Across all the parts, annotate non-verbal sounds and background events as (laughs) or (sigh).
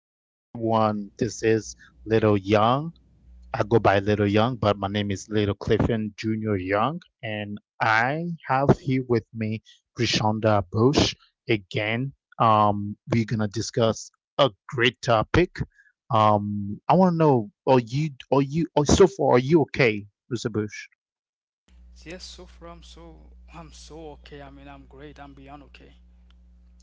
evening, everyone. This is Little Young. I go by Little Young, but my name is Little Clifton Jr. Young, and I have here with me Brishonda Bush again. We're gonna discuss a great topic. I want to know, so far, are you okay, Mr. Bush? Yes, so far I'm so okay. I mean, I'm great. I'm beyond okay.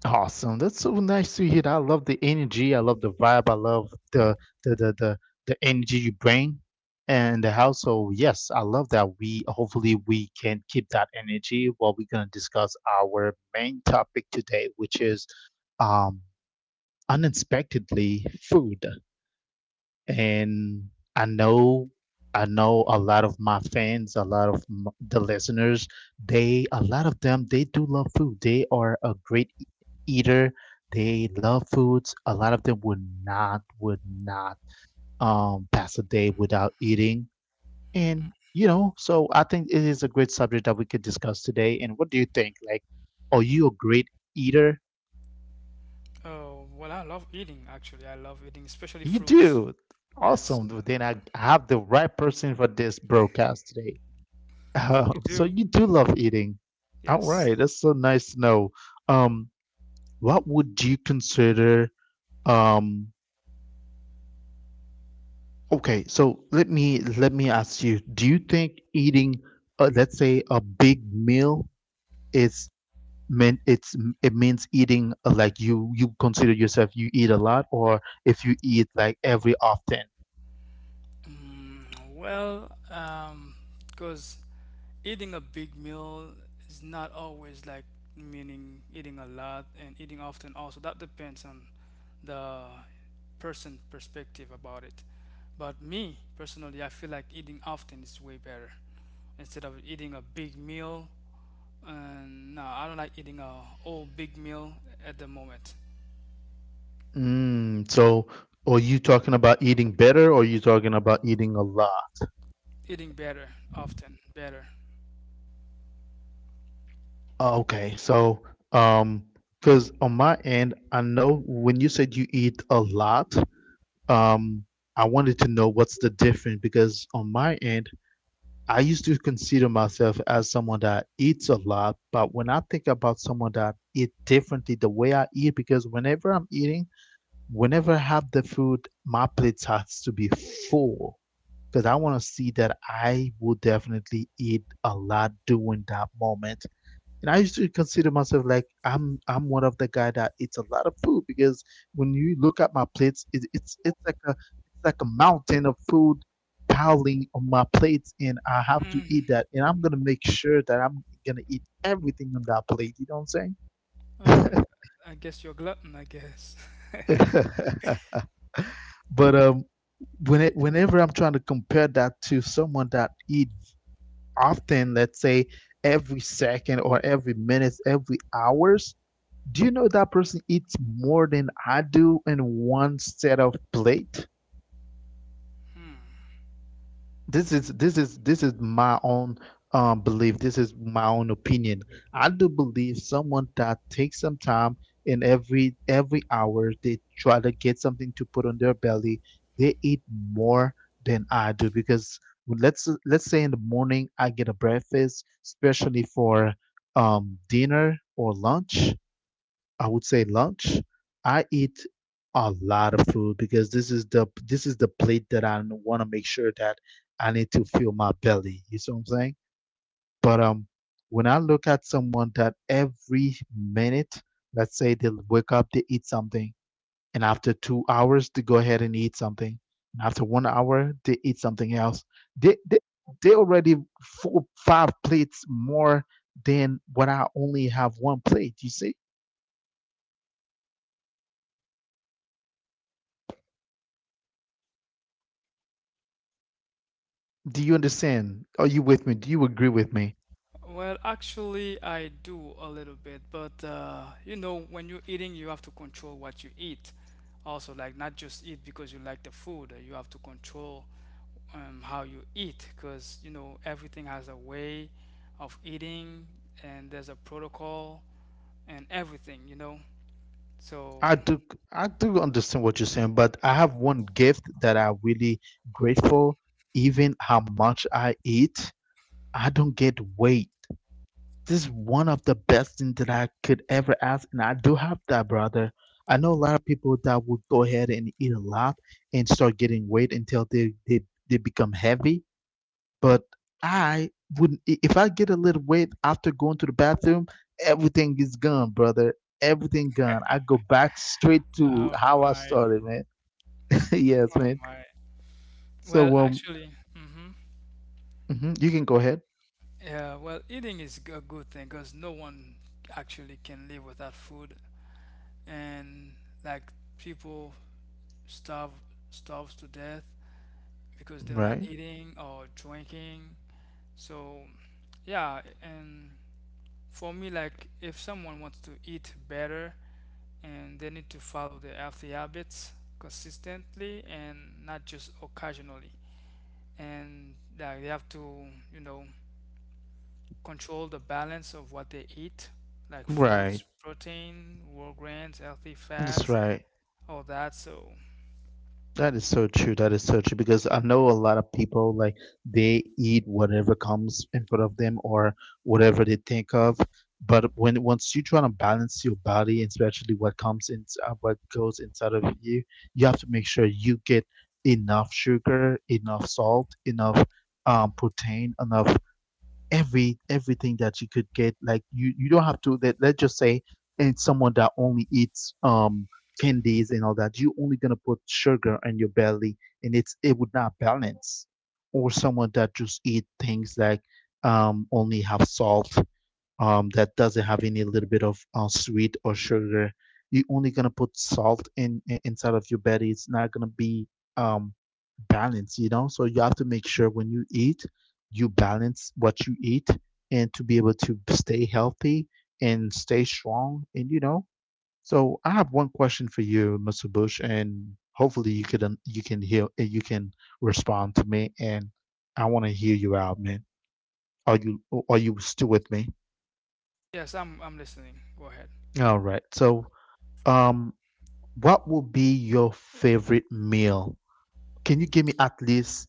Awesome. That's so nice to hear. I love the energy. I love the vibe. I love the the the, the energy you bring and the household. Yes, I love that. We hopefully we can keep that energy while we're gonna discuss our main topic today, which is um unexpectedly food. And I know I know a lot of my fans, a lot of the listeners, they a lot of them they do love food. They are a great eater. They love foods. A lot of them would not pass a day without eating. And you know, so I think it is a great subject that we could discuss today. And what do you think? Like, are you a great eater? Oh, well, I love eating actually. I love eating, especially You fruits. do. Yes, Awesome. Then I have the right person for this broadcast. Oh, you (laughs) so do. you do love eating. All Yes. right, that's so nice to know. Um, what would you consider, um, okay, so let me ask you, do you think eating, let's say a big meal is meant it's it means eating like you consider yourself you eat a lot or if you eat like every often? Mm, Well, because eating a big meal is not always like meaning eating a lot and eating often also that depends on the person perspective about it. But me personally, I feel like eating often is way better instead of eating a big meal. And no, I don't like eating a whole big meal at the moment. Mm, so are you talking about eating better or are you talking about eating a lot? Eating better, often better. Oh, okay. So, um, because on my end, I know when you said you eat a lot, um, I wanted to know what's the difference. Because on my end, I used to consider myself as someone that eats a lot, but when I think about someone that eat differently, the way I eat, because whenever I'm eating, whenever I have the food, my plate has to be full, because I want to see that I will definitely eat a lot during that moment. And I used to consider myself like I'm one of the guy that eats a lot of food, because when you look at my plates, it's like a it's like a mountain of food piling on my plates, and I have to eat that. And I'm gonna make sure that I'm gonna eat everything on that plate. You know Oh, what I'm I guess you're a glutton. I guess. saying? (laughs) But whenever I'm trying to compare that to someone that eat often, let's say every second or every minute, every hours, do you know that person eats more than I do in one set of plate? (laughs) This is my own belief. This is my own opinion. I do believe someone that takes some time in every hour, they try to get something to put on their belly. They eat more than I do. Because let's say in the morning I get a breakfast, especially for dinner or lunch, I would say lunch, I eat a lot of food, because this is the plate that I want to make sure that I need to fill my belly. You see what I'm saying? But when I look at someone that every minute, let's say they wake up, they eat something, and after 2 hours they go ahead and eat something, and after 1 hour they eat something else. They they they already 4 5 plates more than what I only have one plate. You see? Do you understand? Are you with me? Do you agree with me? Well, actually, I do a little bit, but you know, when you're eating, you have to control what you eat. Also, like not just eat because you like the food, you have to control how you eat because you know everything has a way of eating, and there's a protocol and everything, you know. So, I do. I do understand what you're saying, but I have one gift that I'm really grateful. Even how much I eat, I don't get weight. This is one of the best things that I could ever ask, and I do have that, brother. I know a lot of people that would go ahead and eat a lot and start getting weight until they become heavy. But I wouldn't. If I get a little weight after going to the bathroom, everything is gone, brother. Everything gone. I go back straight to oh how I my, started, man. (laughs) Yes, oh man. my. Well, So, actually, mhm, you can go ahead. yeah, well, eating is a good thing because no one actually can live without food. And like people starve starves to death because they're not Right. eating or drinking. So yeah, and for me, like if someone wants to eat better and they need to follow their healthy habits consistently and not just occasionally. And like they have to, you know, control the balance of what they eat, like Right. fruits, protein, whole grains, healthy That's fats, right. all that. So That is so true. That is so true, because I know a lot of people like they eat whatever comes in front of them or whatever they think of. But when once you try to balance your body, and especially what comes in, what goes inside of you, you have to make sure you get enough sugar, enough salt, enough protein, enough everything that you could get. Like you don't have to. Let's just say and someone that only eats candies and all that. You only gonna put sugar in your belly, and it would not balance. Or someone that just eat things like only have salt, that doesn't have any little bit of sweet or sugar. You're only gonna put salt in inside of your belly. It's not gonna be um, balanced, you know. So you have to make sure when you eat, you balance what you eat, and to be able to stay healthy and stay strong, and you know. So I have one question for you, Mr. Bush, and hopefully you could you can hear you can respond to me, and I want to hear you out, man. Are you are you still with me? yes, I'm listening. Go ahead. All right. So Um, what will be your favorite meal? Can you give me at least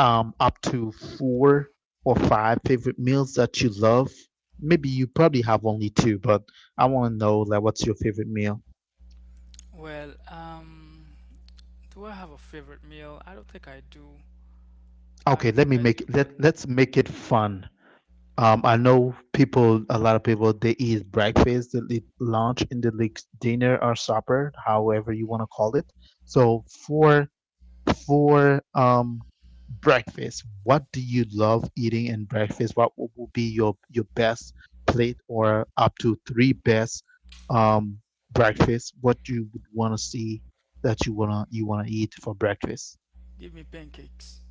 up to four or five favorite meals that you love? Maybe you probably have only two, but I want to know like what's your favorite meal? Well, do I have a favorite meal? I don't think I do. I Okay, don't think I do, but let let's make it fun. I know people, a lot of people, they eat breakfast, they eat lunch, and they eat dinner or supper, however you want to call it. So for breakfast, what do you love eating in breakfast? Would be your best plate or up to three best um breakfast? What you would want to see that you wanna eat for breakfast? give me pancakes.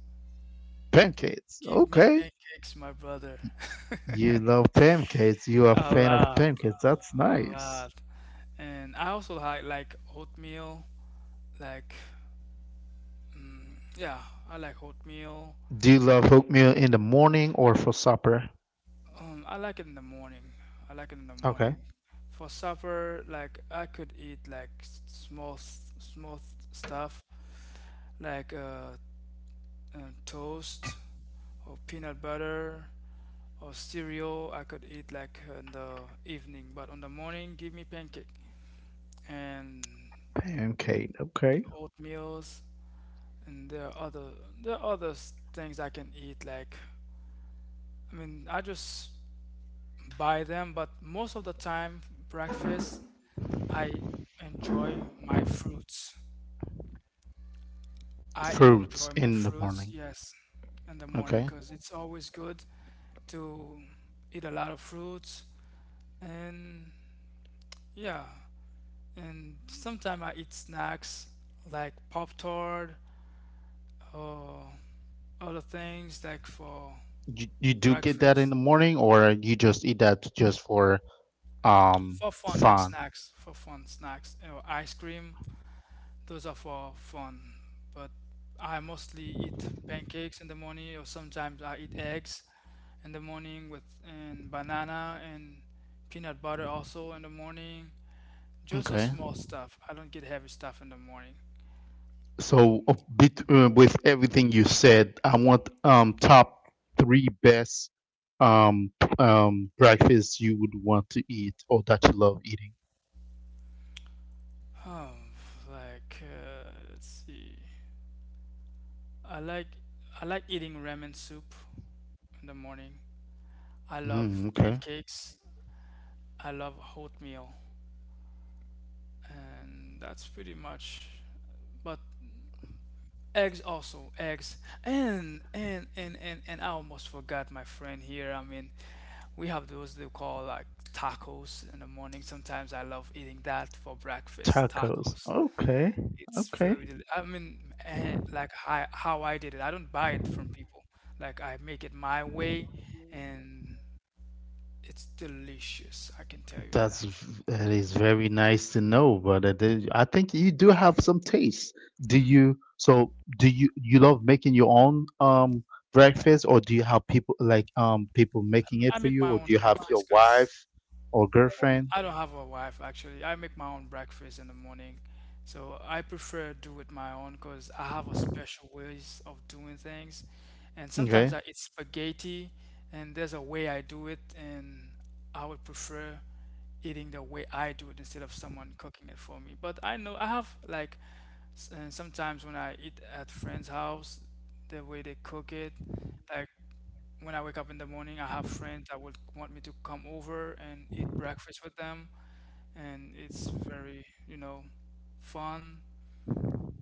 Pancakes. Give me Okay. pancakes, my brother. (laughs) You love pancakes. You are a A fan of lot, pancakes. That's a nice. lot. And I also like oatmeal, like, yeah, I like oatmeal. Do you love oatmeal in the morning or for supper? I like it in the morning. I like it in the morning. For supper, like I could eat like small small stuff, like toast or peanut butter or cereal I could eat like in the evening, but on the morning give me pancake and Pancake. Okay. oatmeals, and there are other, there are other things I can eat like, I mean, I just buy them, but most of the time breakfast I enjoy my fruits. I enjoy Fruits my in the fruits, morning. yes, in the morning Okay. because it's always good to eat a lot of fruits. And yeah, and sometimes I eat snacks like Pop Tart or other things like for You do get that the breakfast, morning, or you just eat that just for um for fun, like fun? snacks for fun, snacks or ice cream. Those are for fun, but I mostly eat pancakes in the morning, or sometimes I eat eggs in the morning with and banana and peanut butter also in the morning. Just a Okay. small stuff. I don't get heavy stuff in the morning. So with everything you said, I want top three best breakfasts you would want to eat or that you love eating. Oh, like, let's see. I like, I like eating ramen soup in the morning. I love Mm, okay. pancakes. I love oatmeal, and that's pretty much. But eggs, also eggs, and I almost forgot my friend here. I mean, we have those they call like tacos in the morning. Sometimes I love eating that for breakfast. Tacos. Okay. It's Okay. very, I mean, like I, how I did it. I don't buy it from people. Like I make it my way, and it's delicious. I can tell you That's that. that is very nice to know, brother. That- I think you do have some taste. Do you? So, do you love making your own breakfast, or do you have people like people making it I for make you, or my do own you have a breakfast because wife or girlfriend? I don't have a wife. Actually, I make my own breakfast in the morning, so I prefer do it my own because I have a special ways of doing things, and sometimes I eat spaghetti, and there's a way I do it, and I would prefer eating the way I do it instead of someone cooking it for me. But I know I have like sometimes when I eat at friends' house, the way they cook it, like when I wake up in the morning, I have friends that would want me to come over and eat breakfast with them, and it's very, you know, fun.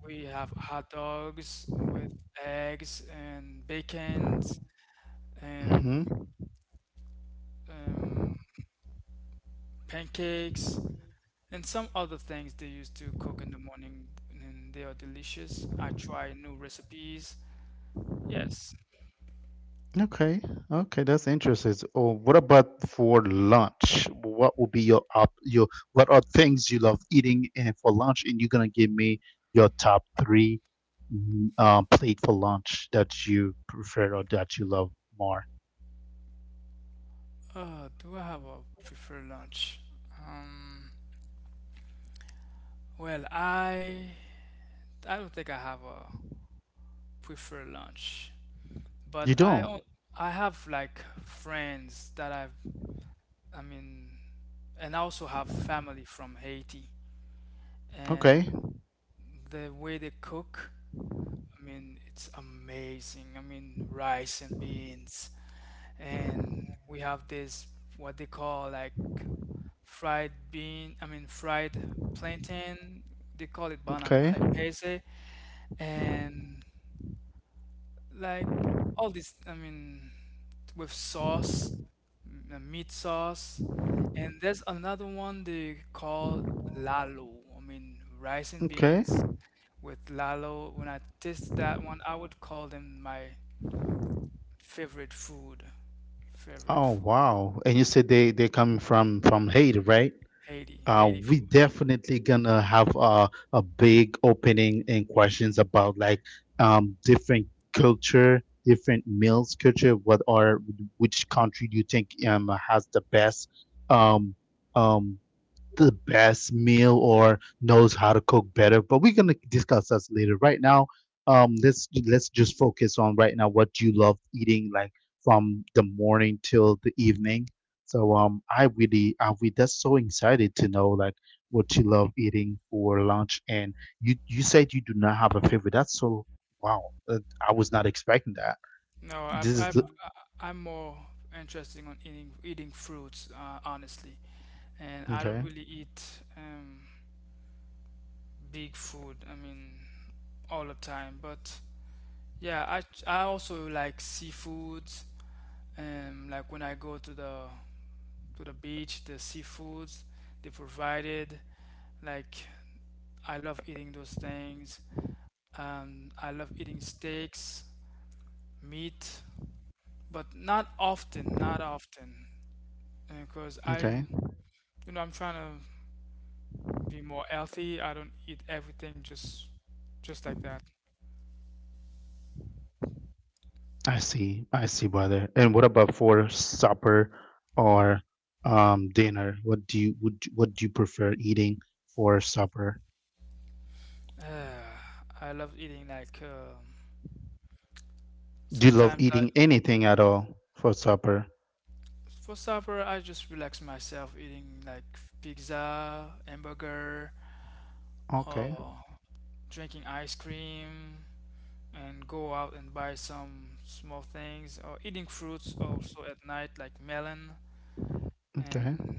We have hot dogs with eggs and bacon and Okay. um, pancakes. And some other things they used to cook in the morning, and they are delicious. I try new recipes. Yes. Okay, okay, that's interesting. So, oh, what about for lunch? What will be your up your what are things you love eating and for lunch? And you're gonna give me your top three plate for lunch that you prefer or that you love more. Do I have a preferred lunch? Um, well, I don't think I have a preferred lunch, but You don't? I have like friends that I mean, and I also have family from Haiti, Okay. and the way they cook, I mean, it's amazing. I mean, rice and beans, and we have this what they call like fried bean, I mean fried plantain. They call it paise, and like all this, I mean, with sauce, meat sauce, and there's another one they call lalo. I mean, rice and beans with lalo. When I taste that one, I would call them my favorite food. Favorite Oh food. wow. And you said they come from Haiti, right? Haiti, Uh, Haiti we food. definitely gonna have a big opening and questions about like different culture, different meals culture, what are which country do you think has um, um, the best meal or knows how to cook better, but we're gonna discuss us later. Right now, let's just focus on right now what you love eating, like from the morning till the evening. So I really, I we that's so excited to know like what you love eating for lunch, and you said you do not have a favorite. That's so wow. Uh, I was not expecting that. No, This is the I'm more interested on eating fruits, honestly, and I don't okay, really eat big food. I mean, all the time. But yeah, I also like seafoods. Like when I go to the beach, the seafoods they provided. Like I love eating those things. I love eating steaks, meat, but not often. Not often because I okay. am, you know, I'm trying to be more healthy. I don't eat everything just like that. (sighs) I see, brother. And what about for supper or dinner? What do you prefer eating for supper? Uh, I love eating like, Do you love sometimes I, eating at all for supper? for supper I just relax myself eating like pizza, hamburger, Okay, or drinking ice cream and go out and buy some small things or eating fruits also at night like melon okay. and,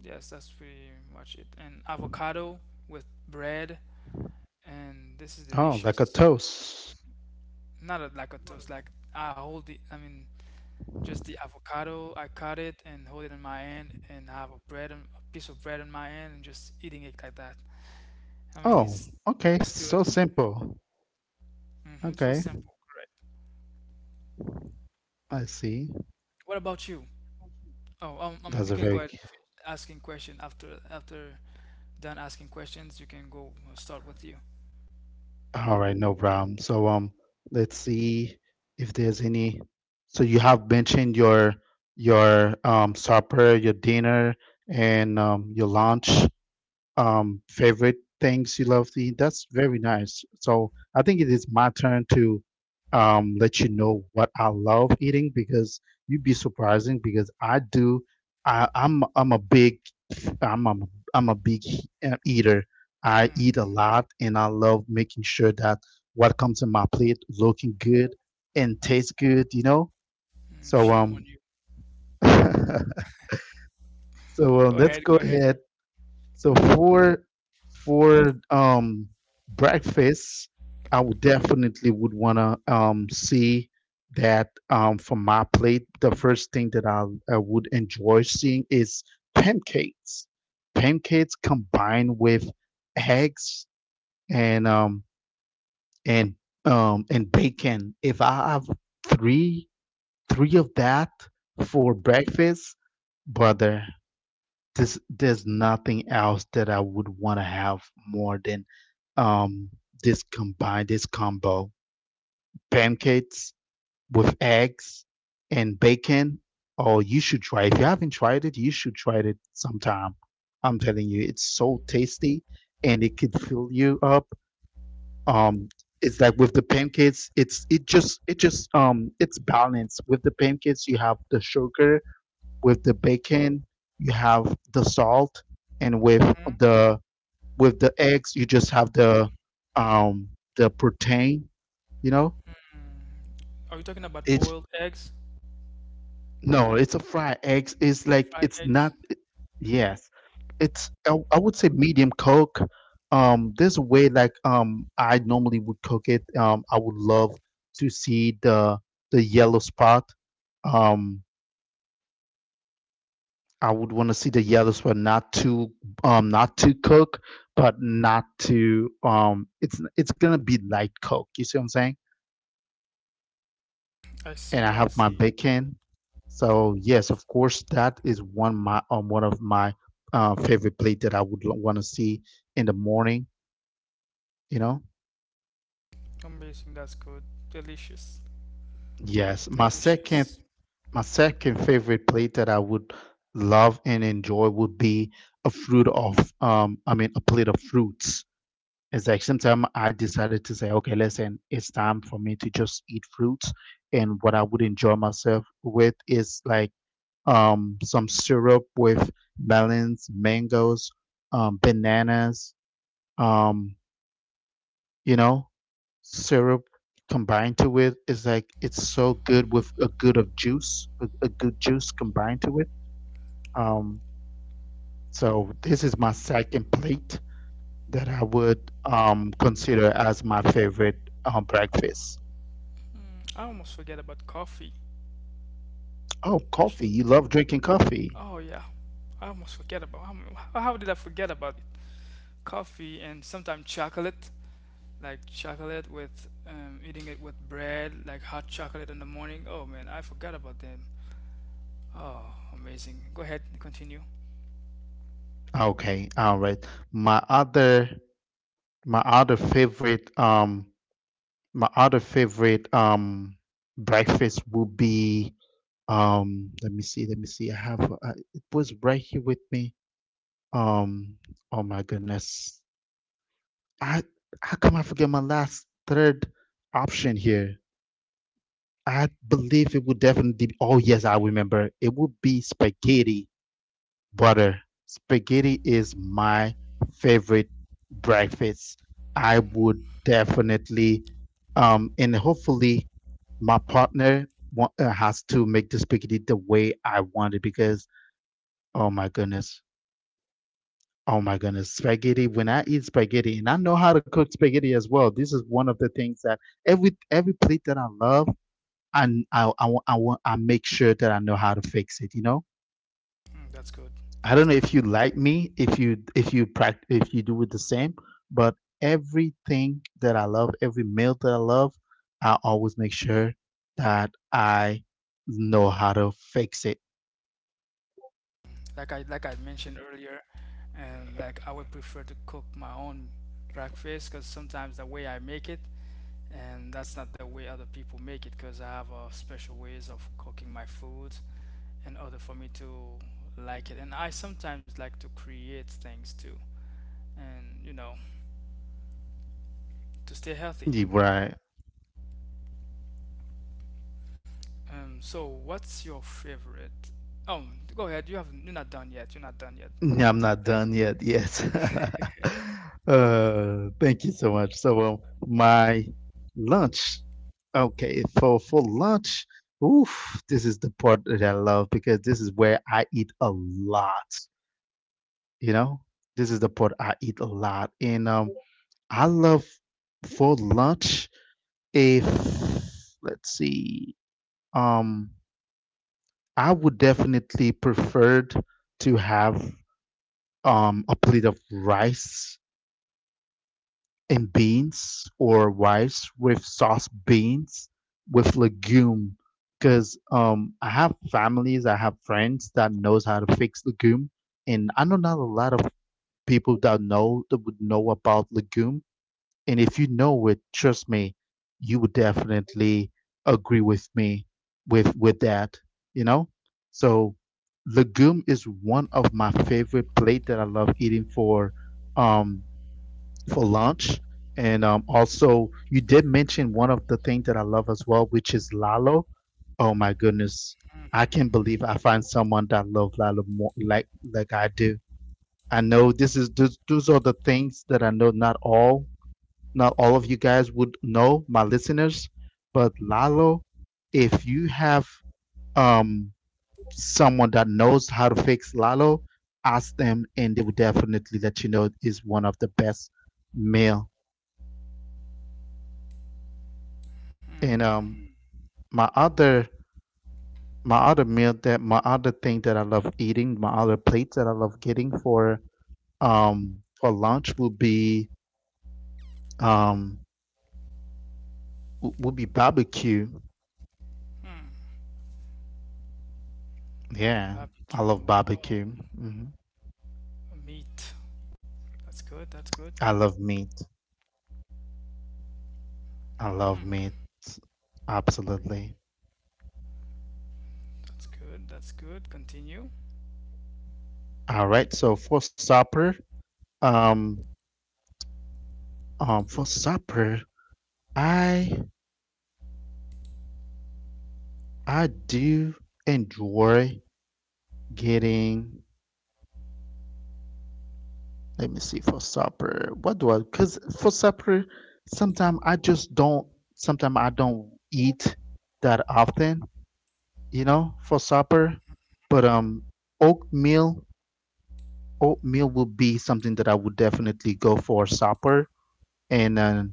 yes, that's pretty much it, and avocado with bread, and this is Oh, like a delicious. toast. Not a, like a toast. Like I hold the, I mean, just the avocado. I cut it and hold it in my hand, and have a bread, and a piece of bread in my hand, and just eating it like that. I mean, Oh, okay, it's good. so simple. So Okay, simple, correct. I see. What about you? Oh, I mean, That's you a can go very ahead and finish asking question after, after done asking questions. You can go, start with you. All right, no problem. So let's see if there's any. So you have mentioned your supper, your dinner, and your lunch favorite things you love to eat. That's very nice. So I think it is my turn to let you know what I love eating, because you'd be surprising because I do. I'm a big I'm a, I'm a big eater. I eat Mm, a lot and I love making sure that what comes in my plate looking good and tastes good. You know. mm, So shame um. on you. (laughs) Go let's ahead, go go ahead. So for for breakfast, I would definitely would wanna see that from my plate. The first thing that I would enjoy seeing is pancakes. Pancakes combined with eggs and um and and bacon. If I have three three of that for breakfast, brother, this there's nothing else that I would want to have more than um this combo. Pancakes with eggs and bacon. Oh, you should try. If you haven't tried it, you should try it sometime. I'm telling you, it's so tasty and it could fill you up. Um, it's like with the pancakes, it's it just it's balanced. With the pancakes, you have the sugar with the bacon you have the salt and the with the eggs you just have um the protein, you know. Are you talking about It's boiled eggs, no, it's a fried eggs, it's like fried it's not eggs? yes, I would say medium cook. There's a way, like, I normally would cook it, I would love to see the yellow spot. um I would want to see the yellows were not too not too cooked, but not too it's gonna be light cooked. You see what I'm saying? I And see, I I have my see. bacon. So yes, of course, that is one my one of my favorite plate that I would want to see in the morning. You know, Amazing, that's good. Delicious. yes, Delicious. my second favorite plate that I would love and enjoy would be a fruit of I mean a plate of fruits. It's like sometime I decided to say, okay, listen, it's time for me to just eat fruits. And what I would enjoy myself with is like some syrup with melons, mangoes, bananas, um, you know, syrup combined to it is like it's so good with a good of juice, a good juice combined to it. Um, so this is my second plate that I would consider as my favorite breakfast. Mm, I almost forget about coffee. Oh, I coffee. should. You love drinking coffee. Oh yeah, I almost forget about. How did I forget about it? Coffee, and sometimes chocolate, like chocolate with, eating it with bread, like hot chocolate in the morning. Oh man, I forgot about them. Oh, amazing. Go ahead, continue. Okay, all right. My other my other favorite um my other favorite breakfast would be let me see, let me see. I have it was right here with me. Um oh my goodness. I, how come I forget my last third option here? I believe it would definitely be, oh yes, I remember. It would be spaghetti. Butter spaghetti is my favorite breakfast. I Mm, would definitely, and hopefully, my partner has to make the spaghetti the way I want it because, oh my goodness, oh my goodness, spaghetti. When I eat spaghetti, and I know how to cook spaghetti as well. This is one of the things that every plate that I love, and I make sure that I know how to fix it. You know. mm, that's good. I That's don't know good. if you like me, if you practice, if you do it the same, but everything that I love, every meal that I love, I always make sure that I know how to fix it. Like I, like I mentioned earlier, and like I would prefer to cook my own breakfast because sometimes the way I make it and that's not the way other people make it because I have special ways of cooking my food in order for me to like it. And I sometimes like to create things too, and you know, to stay healthy. Yeah, right. So what's your favorite? Oh, go ahead. You have, you're not done yet. You're not done yet. (laughs) I'm not Like, done yet. Yes. (laughs) Thank you so much. So my lunch. Okay, for lunch, oof, this is the part that I love because this is where I eat a lot. You know, this is the part I eat a lot, and I love for lunch. If let's see, um, I would definitely prefer to have a plate of rice and beans or rice with sauce beans with legume because I have families, I have friends that knows how to fix legume, and I know not a lot of people that know that would know about legume. And if you know it, trust me, you would definitely agree with me with that, you know? So legume is one of my favorite plate that I love eating um for lunch. And also you did mention one of the things that I love as well, which is lalo. Oh my goodness. I can't believe I find someone that love lalo more like I do. I know this is those are the things that I know not all of you guys would know my listeners, but Lalo, if you have um, someone that knows how to fix Lalo, ask them, and they will definitely let you know it's one of the best meal. And hmm, my other my other meal that my other thing that I love eating, my other plates that I love getting for lunch would be um would be barbecue. hmm, Yeah, barbecue. I love Oh, barbecue. Hmm. meat. That's good. That's good. I love meat. I Hmm, love meat. Absolutely. that's good. That's good. Continue. All right. So um, for supper, I I do enjoy getting. Let me see. For supper, what do I? Because for supper, sometimes I just don't. Sometimes I don't eat that often. You know, for supper, but oatmeal, oatmeal will be something that I would definitely go for supper and.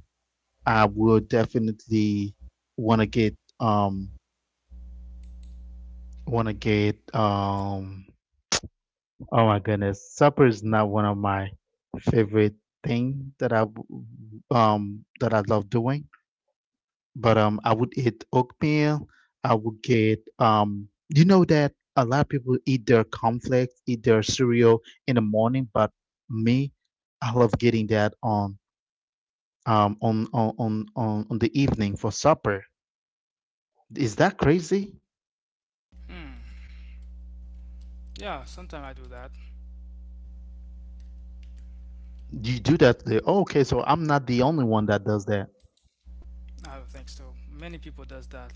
I would definitely want to get um want to get oh my goodness, supper is not one of my favorite thing that that I love doing, but I would eat oatmeal. I would get you know that a lot of people eat their cornflakes, eat their cereal in the morning, but me, I love getting that on on the evening for supper. Is that crazy? Hmm. Yeah, sometimes I do that. You do that. There. Oh, okay, so I'm not the only one that does that. I don't think so. Many people does that.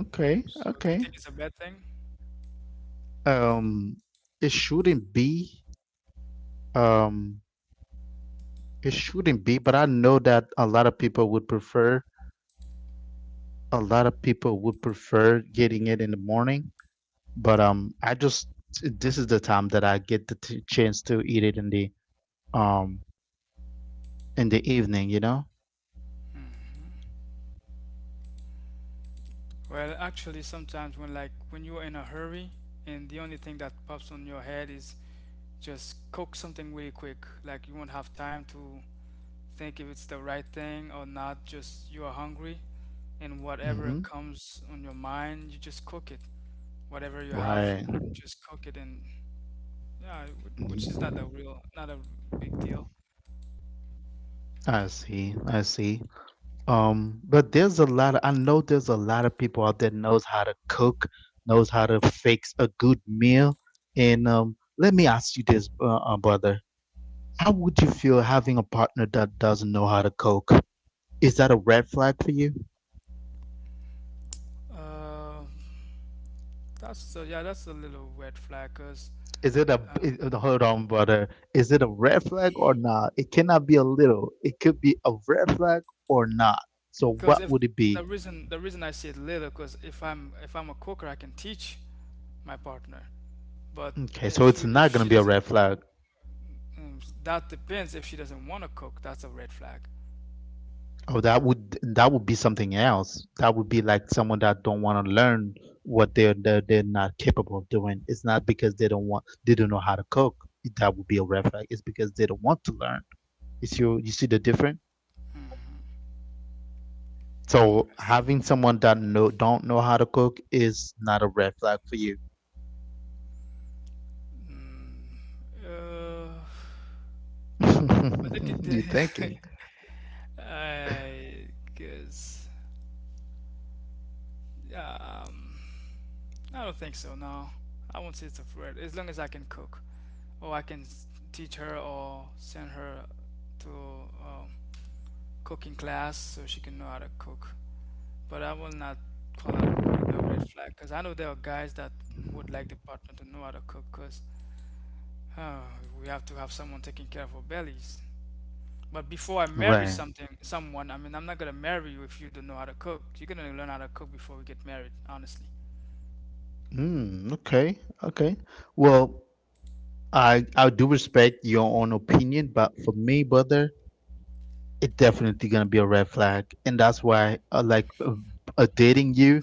Okay, So do you okay. think it's a bad thing? Um, it shouldn't be. Um, it shouldn't be, but I know that a lot of people would prefer. A lot of people would prefer getting it in the morning, but I just this is the time that I get the t chance to eat it um in the evening, you know? Well, actually, sometimes when, like when you're in a hurry and the only thing that pops on your head is just cook something really quick. Like you won't have time to think if it's the right thing or not. Just you are hungry, and whatever Mm-hmm. comes on your mind, you just cook it. Whatever you have, Right. just cook it, and yeah, which is not a real, not a big deal. I see. I see. But there's a lot of, I know there's a lot of people out there knows how to cook, knows how to fix a good meal. And let me ask you this, brother. How would you feel having a partner that doesn't know how to cook? Is that a red flag for you? Uh, that's a, yeah, that's a little red flag, cause. Is it a uh, is- Hold on, brother. Is it a red flag or not? It cannot be a little. It could be a red flag or not. So what Because if would it be? the reason I said little, because if I'm a cooker, I can teach my partner. But Okay, so if it's you, if not gonna she be a doesn't, red flag. mm, that depends. If she doesn't want to cook, that's a red flag. Oh, that would be something else. That would be like someone that don't want to learn what they're not capable of doing. It's not because they don't know how to cook. That would be a red flag. It's because they don't want to learn. You see the difference. Mhm. So I see. having someone that know don't know how to cook is not a red flag for you. Mm, uh, what they could (laughs) do? You th- (laughs) I guess. Um, I don't think so. No, I won't say it's a threat. As long as I can cook, or I can teach her, or send her to. Cooking class so she can know how to cook. But I will not call that a real, a red flag because I know there are guys that would like the partner to know how to cook because we have to have someone taking care of our bellies. But before I marry Right. something, someone, I mean, I'm not gonna marry you if you don't know how to cook. You're gonna learn how to cook before we get married, honestly. Mm, okay, okay. Well, I do respect your own opinion, but for me, brother, it's definitely gonna be a red flag, and that's why I like dating you.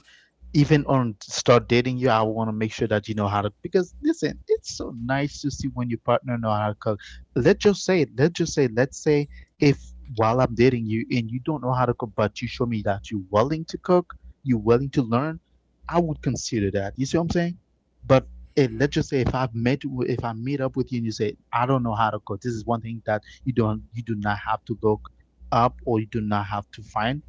Even on start dating you, I want to make sure that you know how to, because listen, it's so nice to see when your partner know how to cook. Let's say if while I'm dating you and you don't know how to cook, but you show me that you're willing to cook, you're willing to learn, I would consider that. You see what I'm saying? But eh, let's Hmm. just say if if I meet up with you and you say I don't know how to cook, this is one thing that you do not have to look up or you do not have to find,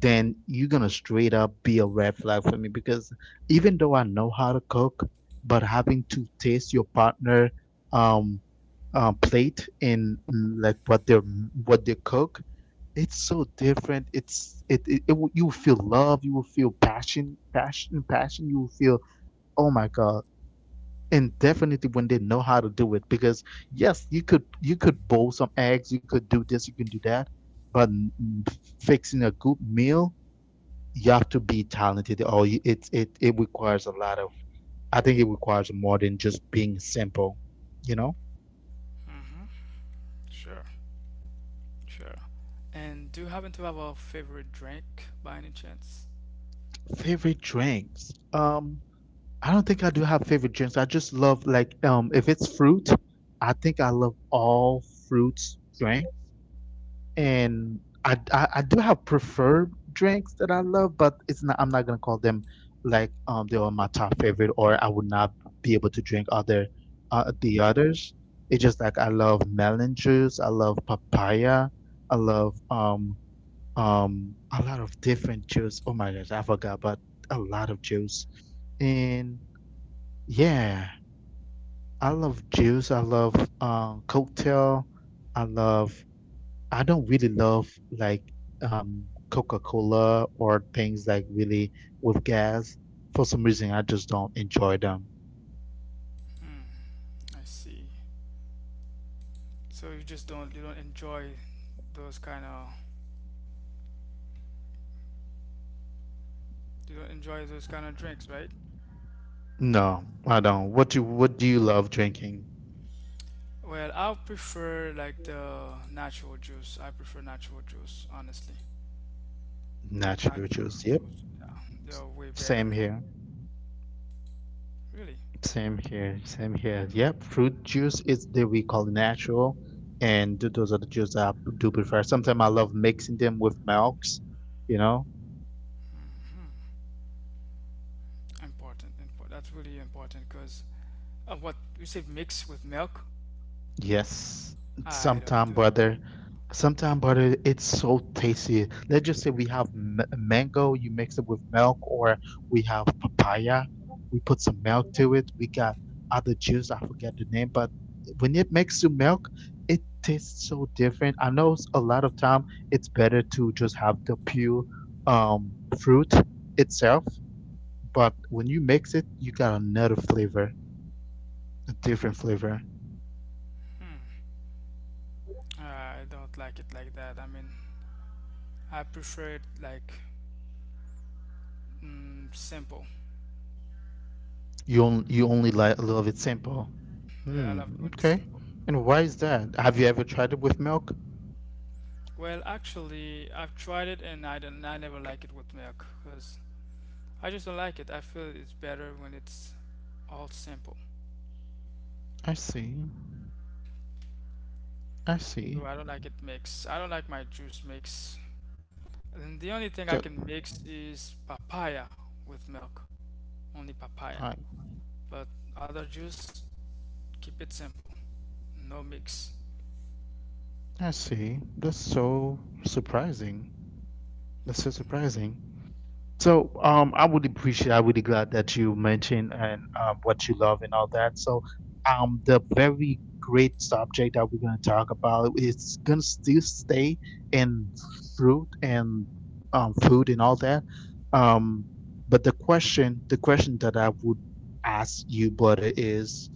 then you're gonna straight up be a red flag for me because even though I know how to cook, but having to taste your partner um, plate and like what they're what they cook, it's so different. It will- you will feel love, you will feel passion, passion, passion. You will feel oh my god. And definitely when they know how to do it, because yes, you could boil some eggs, you could do this, you can do that, but mm, fixing a good meal you have to be talented or you, it requires a lot of I think it requires more than just being simple, you know? Hmm. Sure, sure. And do you happen to have a favorite drink by any chance? Favorite drinks. I don't think I do have favorite drinks. I just love like if it's fruit, I think I love all fruits drink. And I do have preferred drinks that I love, but it's not, I'm not gonna call them like they are my top favorite, or I would not be able to drink other the others. It's just like I love melon juice, I love papaya, I love a lot of different juice. Oh my gosh, I forgot, but a lot of juice. And yeah, I love juice. I love cocktail. I love I don't really love like Coca-Cola or things like really with gas. For some reason, I just don't enjoy them. Hmm, I see. So you just don't you don't enjoy those kind of. You do not enjoy those kind of drinks, right? No, I don't. What do you love drinking? Well, I prefer like the natural juice. I prefer natural juice, honestly. Natural Natural juice. juice, yeah, they're way better. Really Here, yep, fruit juice, all natural, and those are the juice I. Sometimes I love milk. You know, important. Important. That's really important because what you say mix with milk, yes. I don't Sometimes do it. brother. Sometimes brother. It's so tasty. Mango, you milk or papaya, milk to it. Juice, I forget. Mixed with milk. Different. I know a lot of time it's better to just pure um fruit itself, but when you mix it, you got another flavor, a different flavor. Hmm, I don't like it like that. I mean, I prefer it like simple. You only like love it. Yeah, I love doing it when it's simple. Why is that? Have you ever? Well, actually, I've tried it and I don't. I never like it with milk because I just don't like it. I feel it's better when it's all simple. I see. I see. So I don't like it mixed. I don't like my juice mix. And the only thing I That, can mix is papaya with milk. Only papaya. I But other juice, keep it simple. No mix. I see. That's so surprising. That's so surprising. So I would appreciate. I would be glad that you mentioned you love and all that. The very great subject that we're gonna talk about is still stay in fruit and food and all that. Um, the question that I would ask you, brother, is,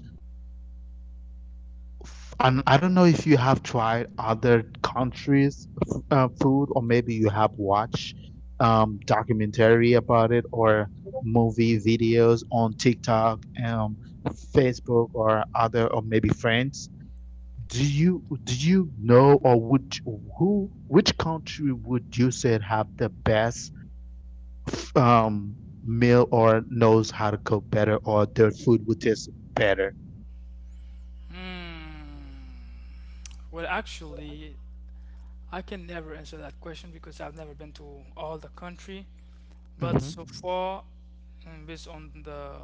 and I don't know if you have tried other countries' food or maybe watch documentary about it or movie videos on TikTok, Facebook, or other, or maybe friends. Do you know or would who which country would you say have the best um, meal or knows how to cook better or their food was better. Hmm. Well, actually, I can never answer that question because I've never been to all the country. But Hmm. so far, and based on the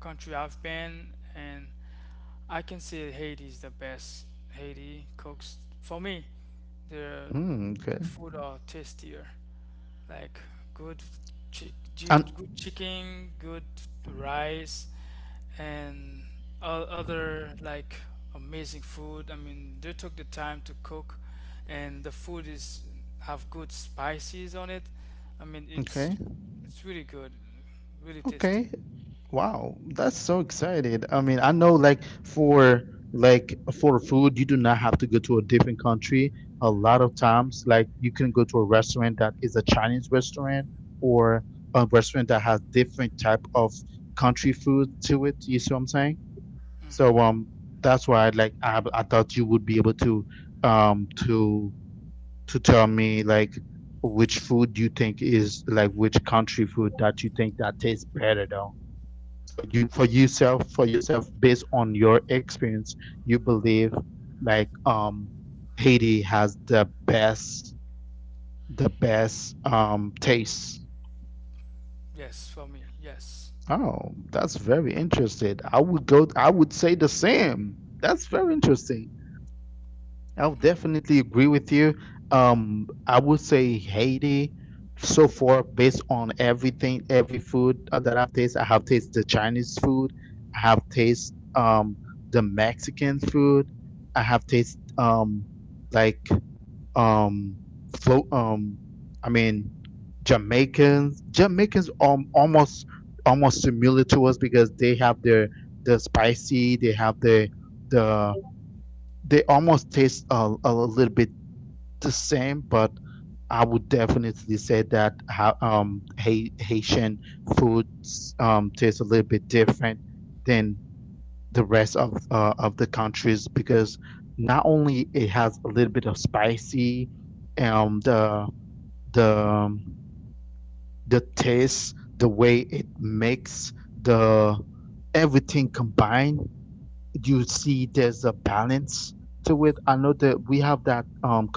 country I've been, and I can say Haiti is the best. Haiti cooks for me. The Mm. the food are tastier, like good And good chicken, good rice, and all other like amazing food. I mean, they took the time to cook, and the food is have good spices on it. I mean, it's really good, really tasty. okay, wow, that's so excited. I mean, I know like for food, you do not have to go to a different country. A lot of times, like you can go to a restaurant that is a Chinese restaurant or a restaurant that has different type of country food to it. You see what I'm saying? So Hmm. That's why like I would be able to um to to tell me like food you think is like better though. So you for yourself based on your experience, you believe like Haiti has the best taste. Yes, for me, yes. Oh, that's very interesting. I would say the same. That's very interesting. I'll definitely agree with you. I would say Haiti so far based on every food that I've tasted. I have tasted the Chinese food. I have tasted the Mexican food. I have tasted like um, float. I mean Jamaicans. Jamaicans almost similar to us because they have their spicy. They have their the they almost taste a little bit same, but I would definitely say that Haitian food tastes a little bit different than the rest of our countries because not only it has a little bit of spicy and the the taste, the way it makes the everything combined, you see there's a balance to it. I know that we have that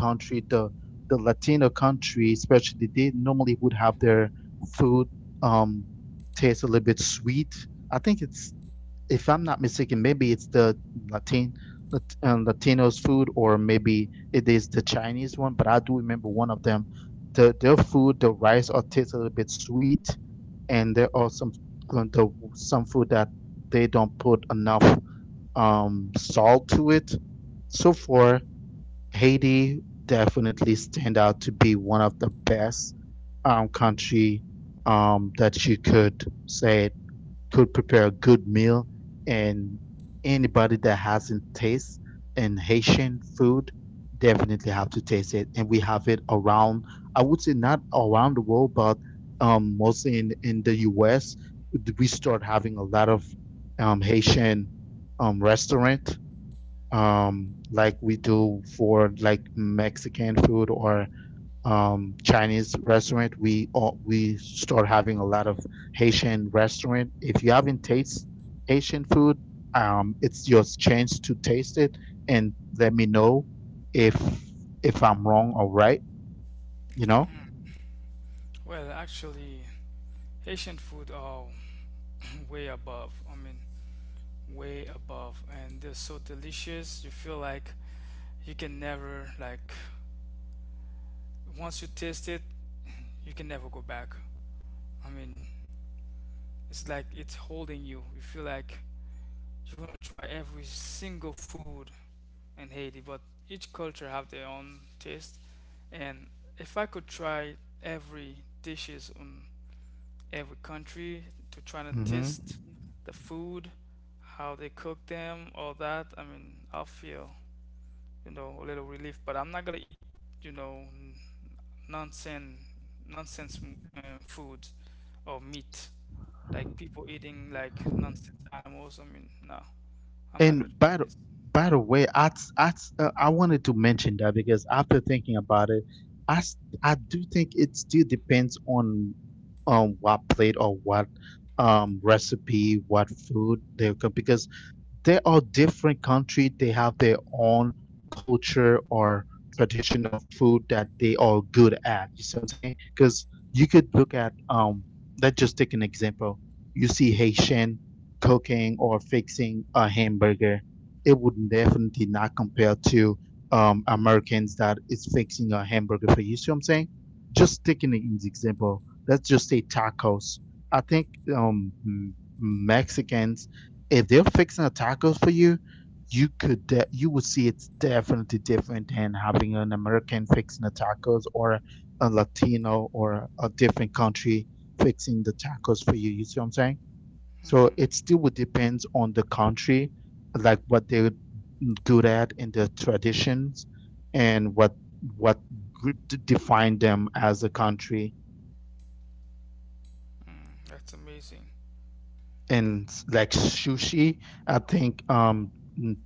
the Latino countries they normally would have their food um it's a little bit sweet. If I'm not mistaken, maybe it's the Latin, Latinos food or maybe it is the Chinese one, but I do the their food, the rice are sweet, and there are some food that they don't put enough salt to it. So far, Haiti definitely stand out to be one of the best country that you could say could prepare a good meal. And anybody that hasn't taste in Haitian food definitely have to around. I would say not around the world, but mostly in the U.S start having a lot of Haitian restaurant, like we do for like Mexican food or Chinese restaurant. We start having a lot of Haitian restaurant. If you haven't tasted food, it's your chance to taste and let me know if if I'm wrong or right. You know. Well, actually, Haitian food are (laughs) (clears throat) way above. I mean, way above, and they're so delicious. You feel like you can never like, once you taste it, you can never go back. I mean, it's like it's holding you. You feel like you wanna try every single food in Haiti, but each culture have their own taste. And if I could try every dishes on every country to try to Hmm. taste the food, how they cook them, all that. I mean, I'll feel, you know, a little relief, but I'm not gonna eat, you know, nonsense, nonsense food or meat, like people eating like nonsense animals. I mean, no, I'm not And gonna try this. by the way, I, I wanted to mention that because I've thinking about it, I s- I do think it still depends on what plate or what recipe, what food they cook. They are different country. They have their own culture or traditional food that they are good at. You see what I'm saying? Because you could look at um let's just take an example. You see Haitian cooking or fixing a hamburger. It would definitely not compare to Americans that fixing a hamburger for you. See what I'm saying? Just taking it in example, just say tacos. I think um Mexicans, if they're fixing a tacos for you, you would see it's definitely different than having an American fixing the tacos or a Latino or a different country fixing the tacos for you. You see what I'm saying? So it Hmm. still would depends on the country, like what they're good at in their tradition and what find them as a country. Mm, that's amazing. And like sushi, I think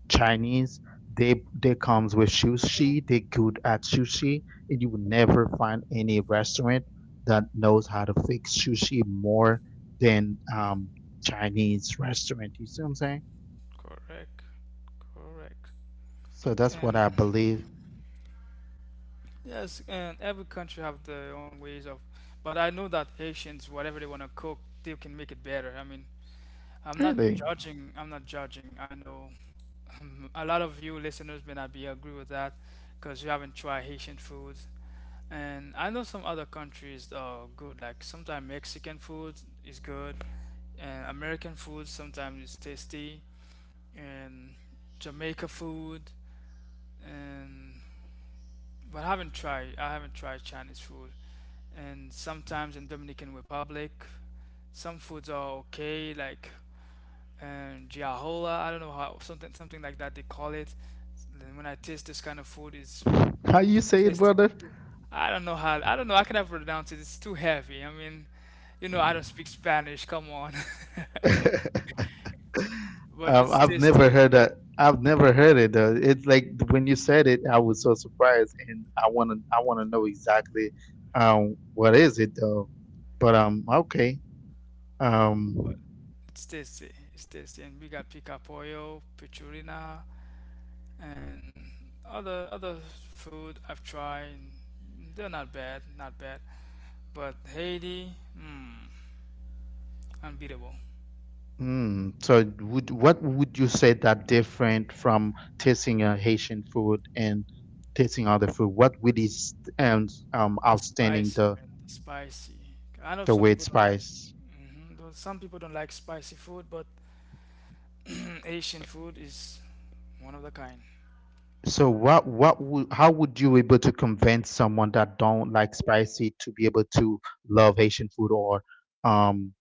Chinese they comes with sushi. They good at sushi, and you will never find any restaurant that knows how to fix sushi more than Chinese restaurant. I'm saying Correct. Correct. so. That's what And I believe. yes, and every country have their own ways of, but I know that Haitians, whatever they want to cook, they can make it better. I mean, I'm not Really, judging. I'm not judging. I know (laughs) (clears throat) a lot of you listeners may not be agree with that because you haven't tried Haitian food. And I know some other countries are good. Like sometimes Mexican food is good, and American food sometimes is tasty, and Jamaica food, and but I haven't tried. I haven't tried Chinese food. And sometimes in Dominican Republic. Some foods are okay, like and giahola. I don't know how, something something like that they call it. Then when I taste this kind of food, it's how you say it, tasty. brother? I don't know how. I don't know. I cannot pronounce it. It's too heavy. I mean, you know, I don't speak Spanish. Come on, (laughs) but Um, it's I've never tasty. heard I've never heard it though. It's like when you said it, I was so surprised, and I wanna know exactly what is it though. But okay. um But it's tasty. It's tasty, and we got pica pollo, pichurina, and other food I've tried. They're not bad. Not bad. But Haiti, mm, unbeatable. mm, so would what would you say that different from tasting Haitian food and tasting other food? What really st- and The outstanding, spicy, man, the spicy. I know the some way people it's don't like, spiced? mhm, though some people don't like spicy food, but (clears throat) Asian food is one of the kind. So what would how would you able to convince someone that don't like spicy to be able to love Haitian food or um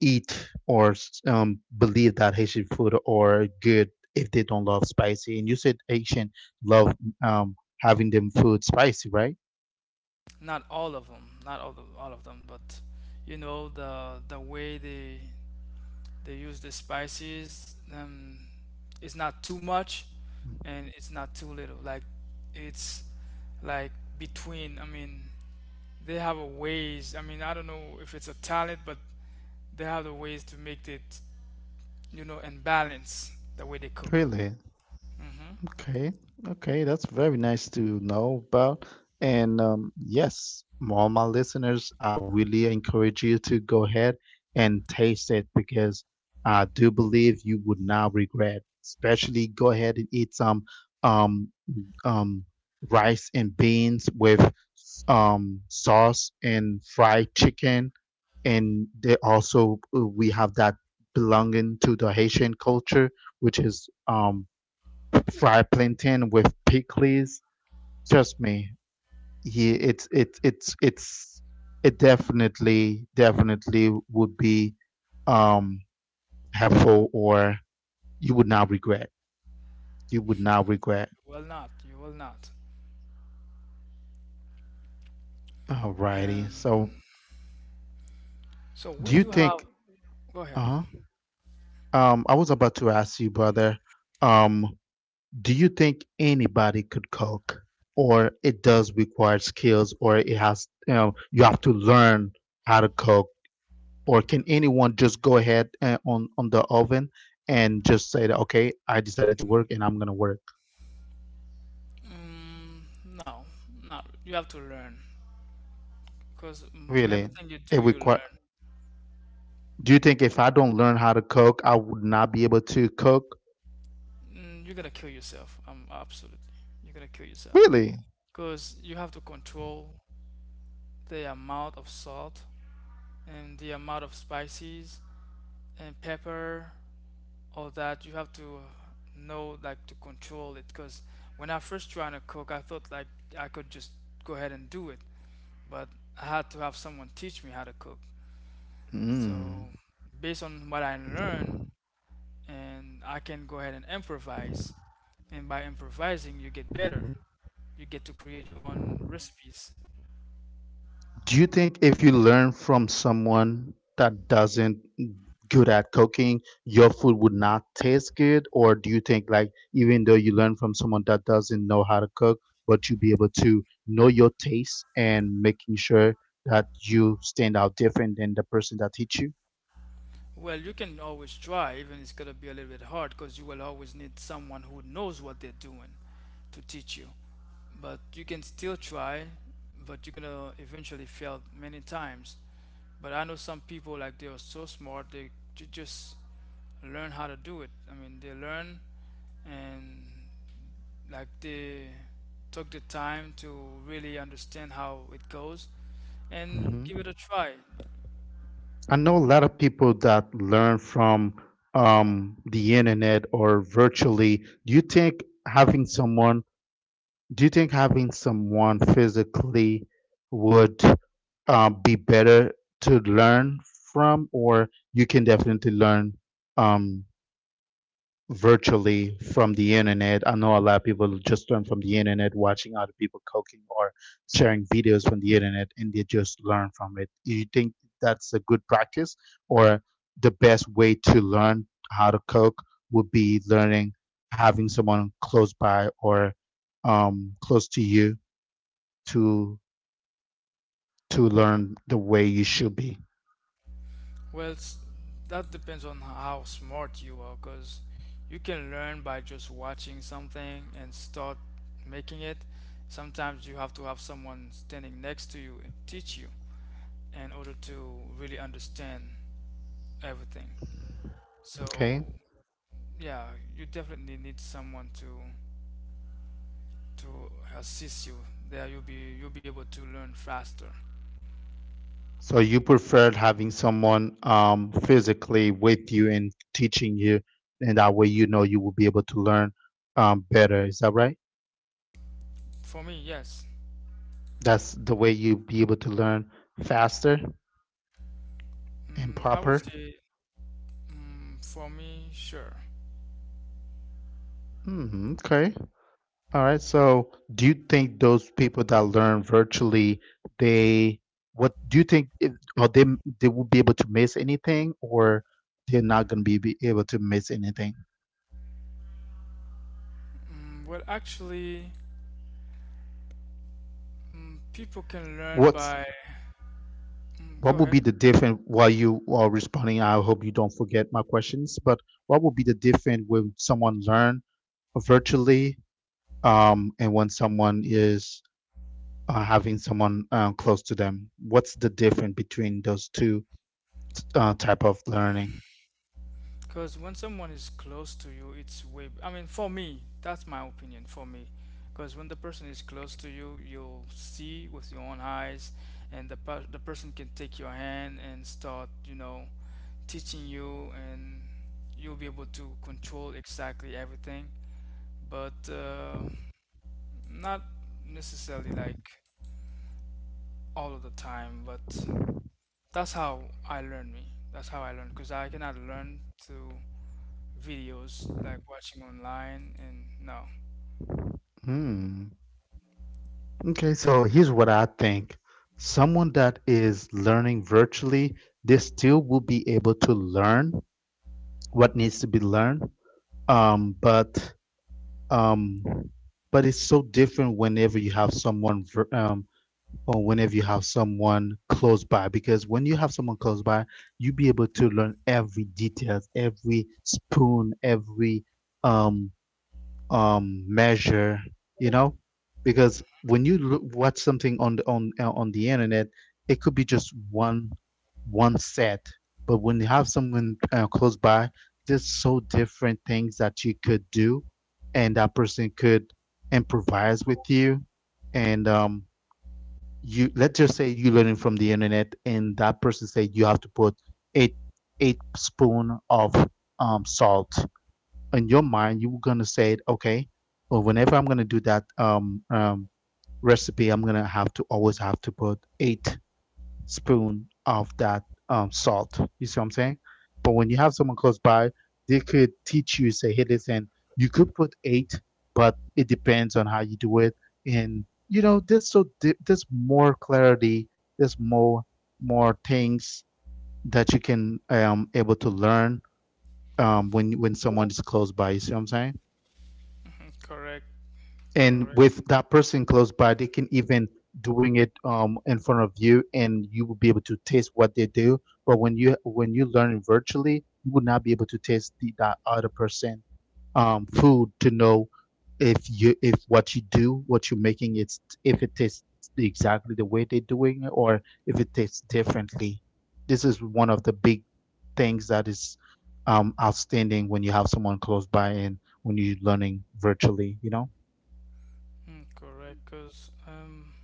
eat or believe that Haitian food are good if they don't love spicy. And you said Haitian love having them food spicy, right? Not all of them, not all, all of them, but you know the way they use the spices, it's not too much, and it's not too little. Like it's like between. I mean, they have a ways. I mean, I don't know if it's a talent, but they have the ways to make it, you know, and balance the way they cook. Really? Mm-hmm. You Okay, that's very nice to know about. And yes, all my listeners, I really encourage you to go ahead and taste it because I do believe you would not regret. Especially go ahead and eat some um, um, rice and beans with sauce and fried chicken. And they also we have that belonging to the Haitian culture, which is fried plantain with pickles. Trust me, he it's it definitely would be um helpful or you would not regret. You would not regret. will not. You will not. Alrighty. Um, so we Do you do have. think? Go ahead. Uh. I was about to ask you, brother, um, do you think anybody could cook, or it does require skills, or it has, you have to learn how to cook, or can anyone just go ahead on the oven and just say that, okay, I decided to work and I'm gonna work? Mm, no, not. You have to learn because Really? everything you do, you learn. Do you think if I don't learn how to cook, I would not be able to cook? Mm, you're gonna kill yourself. Absolutely. You're gonna kill yourself Really? because you have to control the amount of salt and the amount of spices and pepper, all that you have to know like to control it because when I first trying to cook I thought like I could just go ahead and do it, but I had to have someone teach me how to cook. Mm. So based on what I learned, and I can go ahead and improvise, and by improvising you get better, you get to create your own recipes. Do you think if you learn from someone that doesn't good at cooking, your food would not taste good? Or do you think like even though you learn from someone that doesn't know how to cook, but you be able to know your taste and making sure that you stand out different than the person that teach you? Well, you can always try, even it's going to be a little bit hard because you will always need someone who knows what they're doing to teach you, but you can still try, but you're gonna eventually fail many times. But I know some people, like they are so smart, they just learn how to do it. I mean, they learn, and like they took the time to really understand how it goes and give Hmm. it a try. I know a lot of people that learn from the internet or virtually. Do you think having someone physically would be better to learn from, or you can definitely learn um, virtually from the internet? I know a lot of people just learn from the internet, watching other people cooking or sharing videos from the internet, and they just learn from it. Do you think that's a good practice, or the best way to learn how to cook would be learning having someone close by or close to you? to to learn the way you should be. Well, that depends on how smart you are, because you can learn by just watching something and start making it. Sometimes you have to have someone standing next to you and teach you in order to really understand everything. Okay. So, yeah, you definitely need someone to assist you. There, you'll be able to learn faster. So you preferred having someone physically with you and teaching you, and that way you know you will be able to learn better. Is that right? For me, yes. That's the way you'll be able to learn faster Mm, and I would proper. say, mm, for me, sure. Hmm. Okay. All right. So do you think those people that learn virtually, they what do you think? If, are they will be able to miss anything, or they're not going to be, able to miss anything? Mm, well, actually. Mm, people can learn What's by. Mm, what go would ahead. be the diff while you are responding, I hope you don't forget my questions, but what would be the difference when someone learn virtually and when someone is having someone close to them? What's the difference between those two type of learning? Because when someone is close to you, it's way. I mean, for me, that's my opinion. For me, because when the person is close to you, you'll see with your own eyes, and the person can take your hand and start, you know, teaching you, and you'll be able to control exactly everything. But not necessarily like all of the time, but that's how I learn me. That's how I learn because I cannot learn through videos like watching online and no. Hmm. Okay, so here's what I think. Someone that is learning virtually, they still will be able to learn what needs to be learned, but um but it's so different whenever you have someone or whenever you have someone close by. Because when you have someone close by you be able to learn every details, every spoon, every um measure, you know, because when you watch something on the on the internet it could be just one set. But when you have someone close by there's so different things that you could do, and that person could improvise with you. And um you let's just say you're learning from the internet and that person said you have to put eight eight spoon of salt. In your mind you're gonna say, okay, well, whenever I'm gonna do that recipe I'm gonna have to always have to put eight spoon of that salt, you see what I'm saying? But when you have someone close by, they could teach you, say, hey, listen, you could put eight, but it depends on how you do it. And you know there's there's more clarity, there's more things that you can able to learn when someone is close by, you see what I'm saying? (laughs) Correct, And correct. with that person close by they can even doing it in front of you and you will be able to taste what they do. But when you learn it virtually you will not be able to taste that other person food to know if you if what you do, what you're making, it's if it tastes exactly the way they're doing it, or if it tastes differently. This is one of the big things that is outstanding when you have someone close by and when you're learning virtually, you know. Mm, correct, because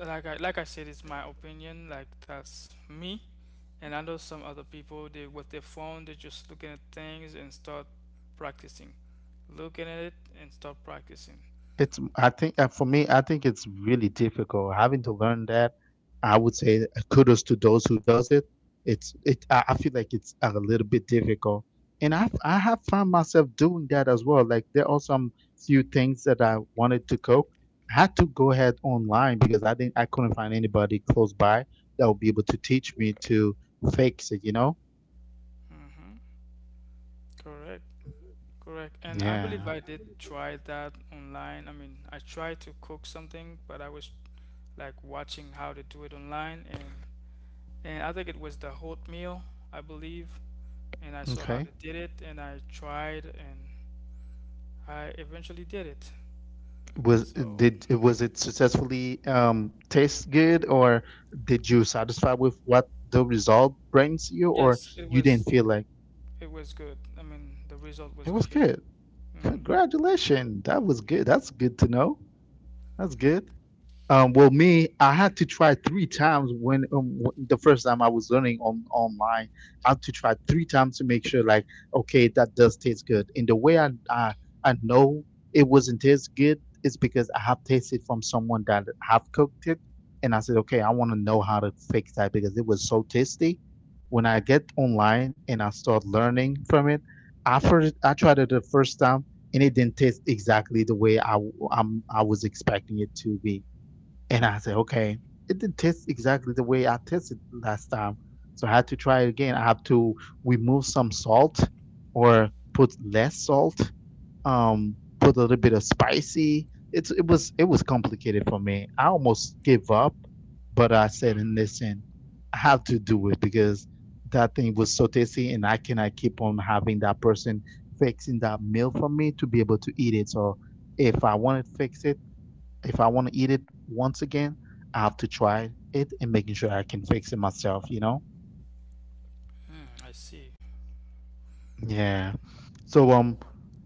like I said, it's my opinion. Like that's me, and I know some other people. They with their phone, they just looking at things and start practicing, looking at it and start practicing. It's I But think for me, I think it's really difficult having to learn that. I would say kudos to those who does it. It's it. I feel like it's a little bit difficult, and I have found myself doing that as well. Like there are some few things that I wanted to cook. I had to go ahead online because I couldn't find anybody close by that would be able to teach me to fix it. You know, mm-hmm, correct. Correct. And I believe I did try that online. I mean, I tried to cook something, but I was like watching how to do it online and I think it was the oatmeal, I believe, and I saw how they did it and I tried and I eventually did it. was So, they successfully taste good, or did you satisfy with what the result brings you, or yes, and feel like it was good. I mean, the result was okay. good? Mm-hmm. Congratulations, that was good. That's good to know. That's good. Well, me, I had to try three times when the first time I was learning on online. I had to try three times to make sure, like, okay, that does taste good. And the way I know it wasn't taste good because I have tasted from someone that have. And I said, okay, I want to know how to fix that because it was so tasty. When I get online and I start learning from it, I tried it the first time and it didn't taste exactly the way I was expecting it to be. And I said, okay, it didn't taste exactly the way I tasted last time. So I had to try it again. I have to remove some salt or put less salt, put a little bit of spicy. It was complicated for me. I almost gave up, but I said, in this, I have to do it because that thing was so tasty, and I cannot keep on having that in that meal for me to be able to eat it. So if I want it, if I want to eat it once again, I have to try it and making sure I can eat myself. You know? Hmm, I see. Yeah. So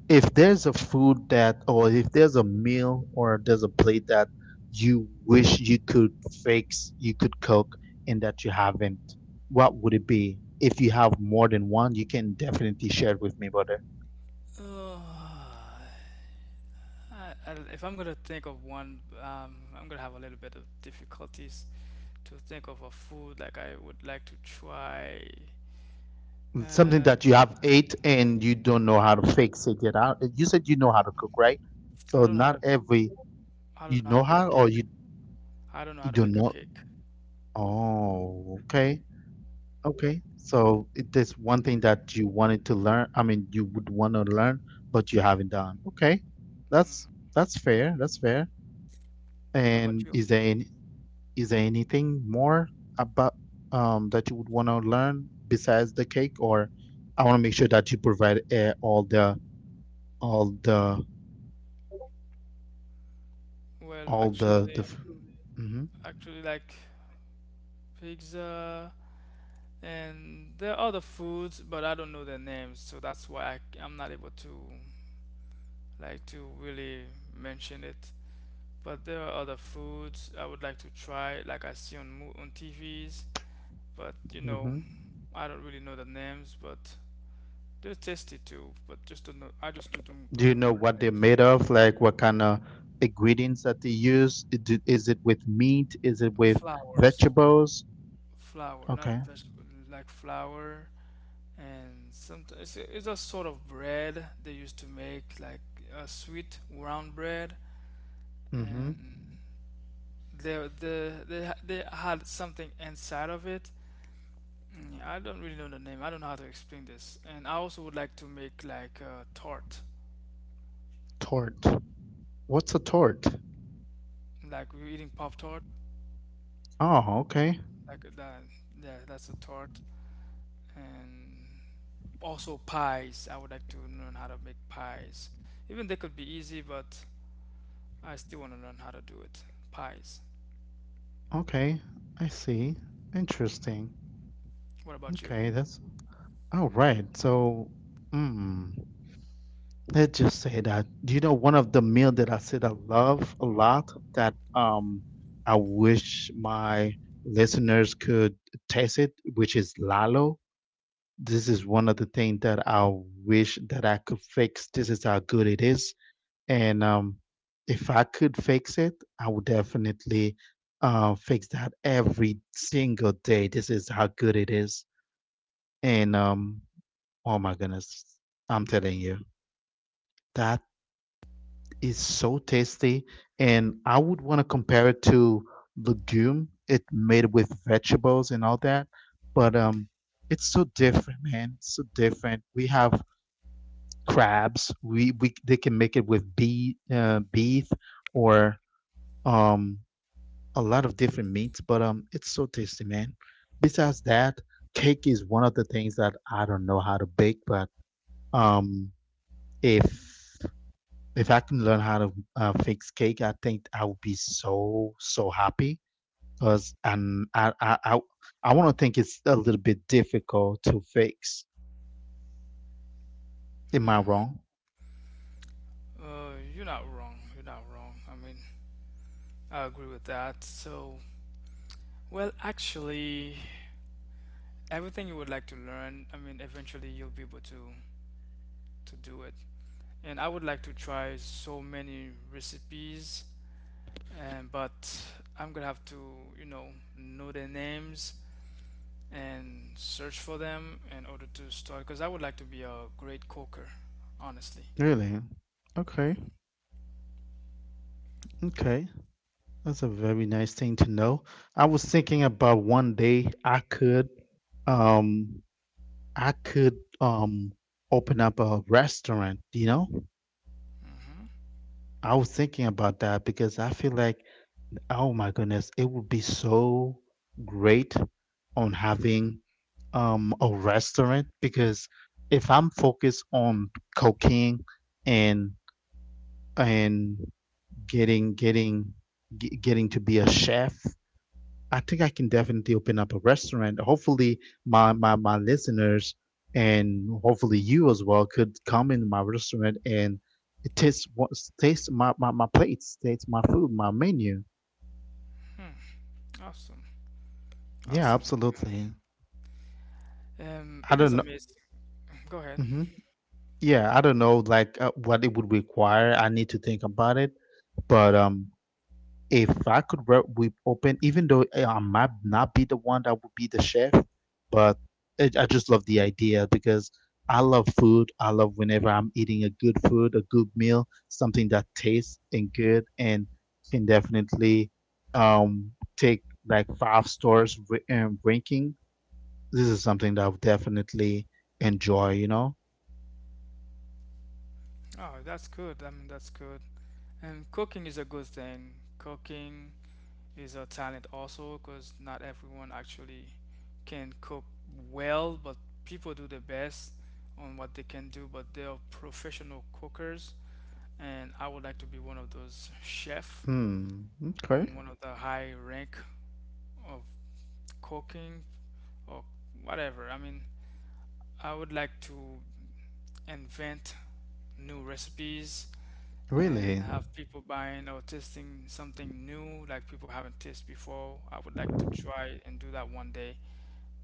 if there's a food that, or if there's a meal, or there's a plate that you wish you could fix, you could cook, and that you haven't, what would it be? If you have more than one, you can definitely share it with. Got it. (sighs) Uh, I, I, if I'm gonna think of one, I'm gonna have a little bit of difficulties to think of a food like I would like to try. Something And that you have ate and you don't know how to fix it yet. How- You said you know how to cook, right? So don't know how not to every I don't you know how to know bake a how or cake. you I don't know how to bake a cake. oh okay. Okay. So it- there's one thing that you wanted to learn. I mean, you want to learn, but you haven't done. Okay, that's fair. That's fair. What about And you? is there any, is there anything more about that you would want to learn besides the cake, or I want to make sure that you provide all the all the Well, all the actually, actually like pizza, and there are other foods, but I don't know their names, so that's why I'm not able to like to really mention it. But there are other foods I would like to try, like I see on mo on TVs, but you know, I don't really know the names, but there's tasty too, but just don't know. I just don't remember the names. made of? Like what kind of ingredients that they use? Is it with meat? Is it with Flowers, vegetables? flour, not vegetable, like flour, and sometimes it's, a sort of bread they used to make, like a sweet round bread, Mm-hmm. and they had something inside of it. Mm, I don't really know the name. I don't know how to explain this. And I also would like to make like a tart, Tort. It's a tort. like we're eating pop tart, Oh, okay. like that. Yeah, that's a tart, and also pies. I would like to learn how to make pies. Even they could be easy, but I still want to learn how to do it. Pies. Okay. I see. Interesting. What about you? Okay, that's all right. So, mm, let's just say that you know one of the meal that I said I love a lot that I wish my listeners could taste it, which is lalo. This is one of the things that I wish that I could fix. This is how good it is. And If I could fix it, I would definitely fix that every single day. This is how good it is. And Oh my goodness, I'm telling you, that is so tasty. And I would want to compare it to legume. It made with vegetables and all that. But It's so different, man. So different. We have crabs. We they can make it with beef or um a lot of different meats, but it's so tasty, man. Besides that, cake is one of the things that I don't know how to bake, but um if I can learn how to fix cake, I think I would be so happy because, and I want to think it's a little bit difficult to fix. Am I Hmm. wrong? You're not wrong. You're not wrong. I mean, I agree with that. So, well, actually, everything you would like to learn, I mean, eventually you'll be able to do it. And I would like to try so many recipes, and but I'm gonna have to, you know their names and search for them in order to start because I would like to be a great coker, honestly. Really? Okay. Okay. That's a very nice thing to know. I was thinking about one day I could um I could um open up a restaurant, you know? Hmm. I was thinking about that because I feel like oh my goodness, it would be so great on having a restaurant because if I'm focused on cooking and and getting getting getting to be a chef, I think I can definitely open up a restaurant. Hopefully, my listeners and hopefully you as well could come in my restaurant and taste what taste my plates, taste my food, my menu. Hmm. Awesome. Yeah, Awesome. absolutely. I It is don't know. amazing. Go ahead. Yeah, I don't know like what it would require. I need to think about it. But If I could work with open, even though I might not be the one that would be the chef, but I just love the idea because I love food. I love whenever I'm eating a good food, a good meal, something that tastes and good and can definitely take like five stars ranking. This is something that I would definitely enjoy, you know? Oh, that's good. I mean, that's good. And cooking is a good thing. Cooking is a talent also because not everyone actually can cook well, but people do their best on what they can do, but they are professional cookers. And I would like to be one of those chefs, Mm, okay. one of the high rank of cooking or whatever. I mean, I would like to invent new recipes and Really? have people buying or tasting something new like people haven't tasted before. I would like to try and do that one day,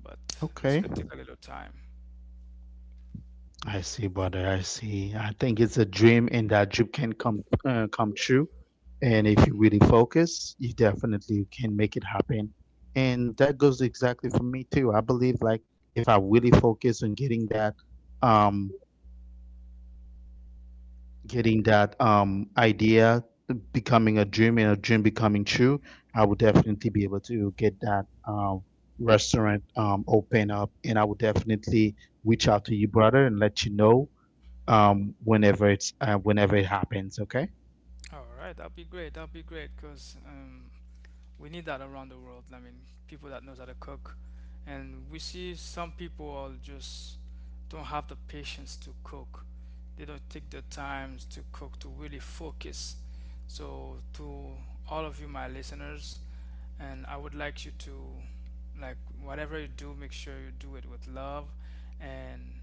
but this Okay. could take a little time. I see, brother. I see. I think it's a dream, and that dream can come come true. And if you Mhm. really focus, you definitely can make it happen. And that goes exactly for me too. I believe like if I really focus on getting that, um, idea becoming a dream and a dream becoming true, I would definitely be able to get that restaurant open up, and I would definitely reach out to you, brother, and let you know whenever it's whenever it happens, okay? All right, that'll be great. That'll be great because we need that around the world. I mean, people that knows how to cook, and we see some people are just don't have the patience to cook. They don't take the times to cook to really focus. So to all of you, my listeners, and I would like you to like whatever you do, make sure you do it with love, and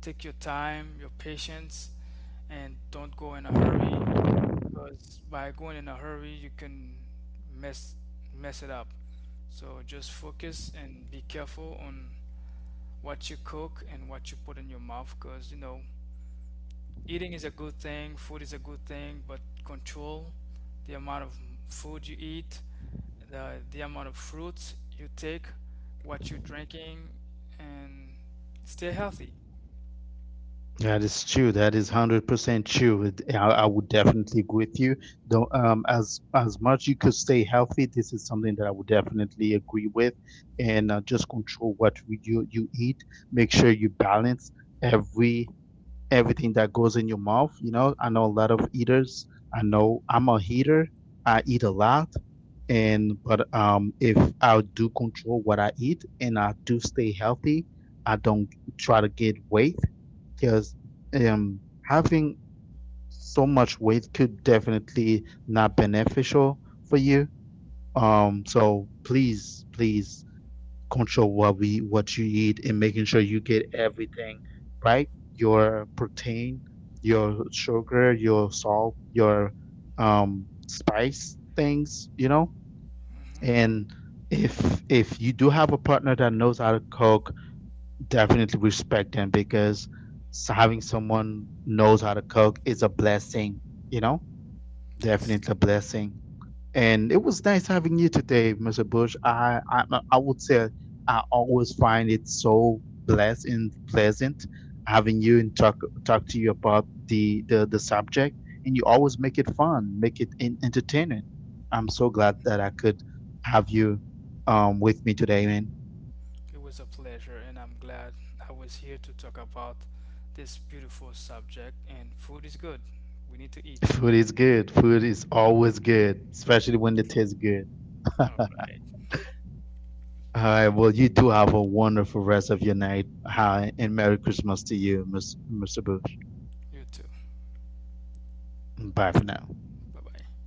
take your time, your patience, and don't go in a hurry because by going in a hurry, you can mess mess it up. So just focus and be careful on what you cook and what you put in your mouth because you know eating is a good thing, food is a good thing, but control the amount of food you eat, the amount of fruits you take, what you're drinking, and stay healthy. That is true. That is 100% true. I would definitely agree with you, though, as much you could stay healthy. This is something that I would definitely agree with. And just control you eat. Make sure you balance every everything that goes in your mouth. You know, I know a lot of eaters. I know I'm a eater. I eat a lot. And but if I do control what I eat and I stay healthy. I don't try to get weight because having so much weight could definitely not beneficial for you. So please, please control what you eat, and making sure you get every right your your sugar, your salt, your um, spice things, you know, Hmm. and if you do have a partner that knows how to cook, definitely respect them, because having someone knows how to cook is a blessing, you know, Yes, definitely a blessing. And it was nice having you today, Mr. Bush. I like I say I always find it so blessed, pleasant, having you and talk to you about the and you always make it fun. So glad that I could have you with me today, man. it was a pleasure, and I'm glad I was here to talk about this beautiful subject. And food is good. We need to (laughs) eat. Food is good. Food is always good, especially when it tastes good. All (laughs) right. All right. Well, you do have a wonderful rest of your night. Hi, and Merry Christmas to you. You too. Bye for now. Bye bye.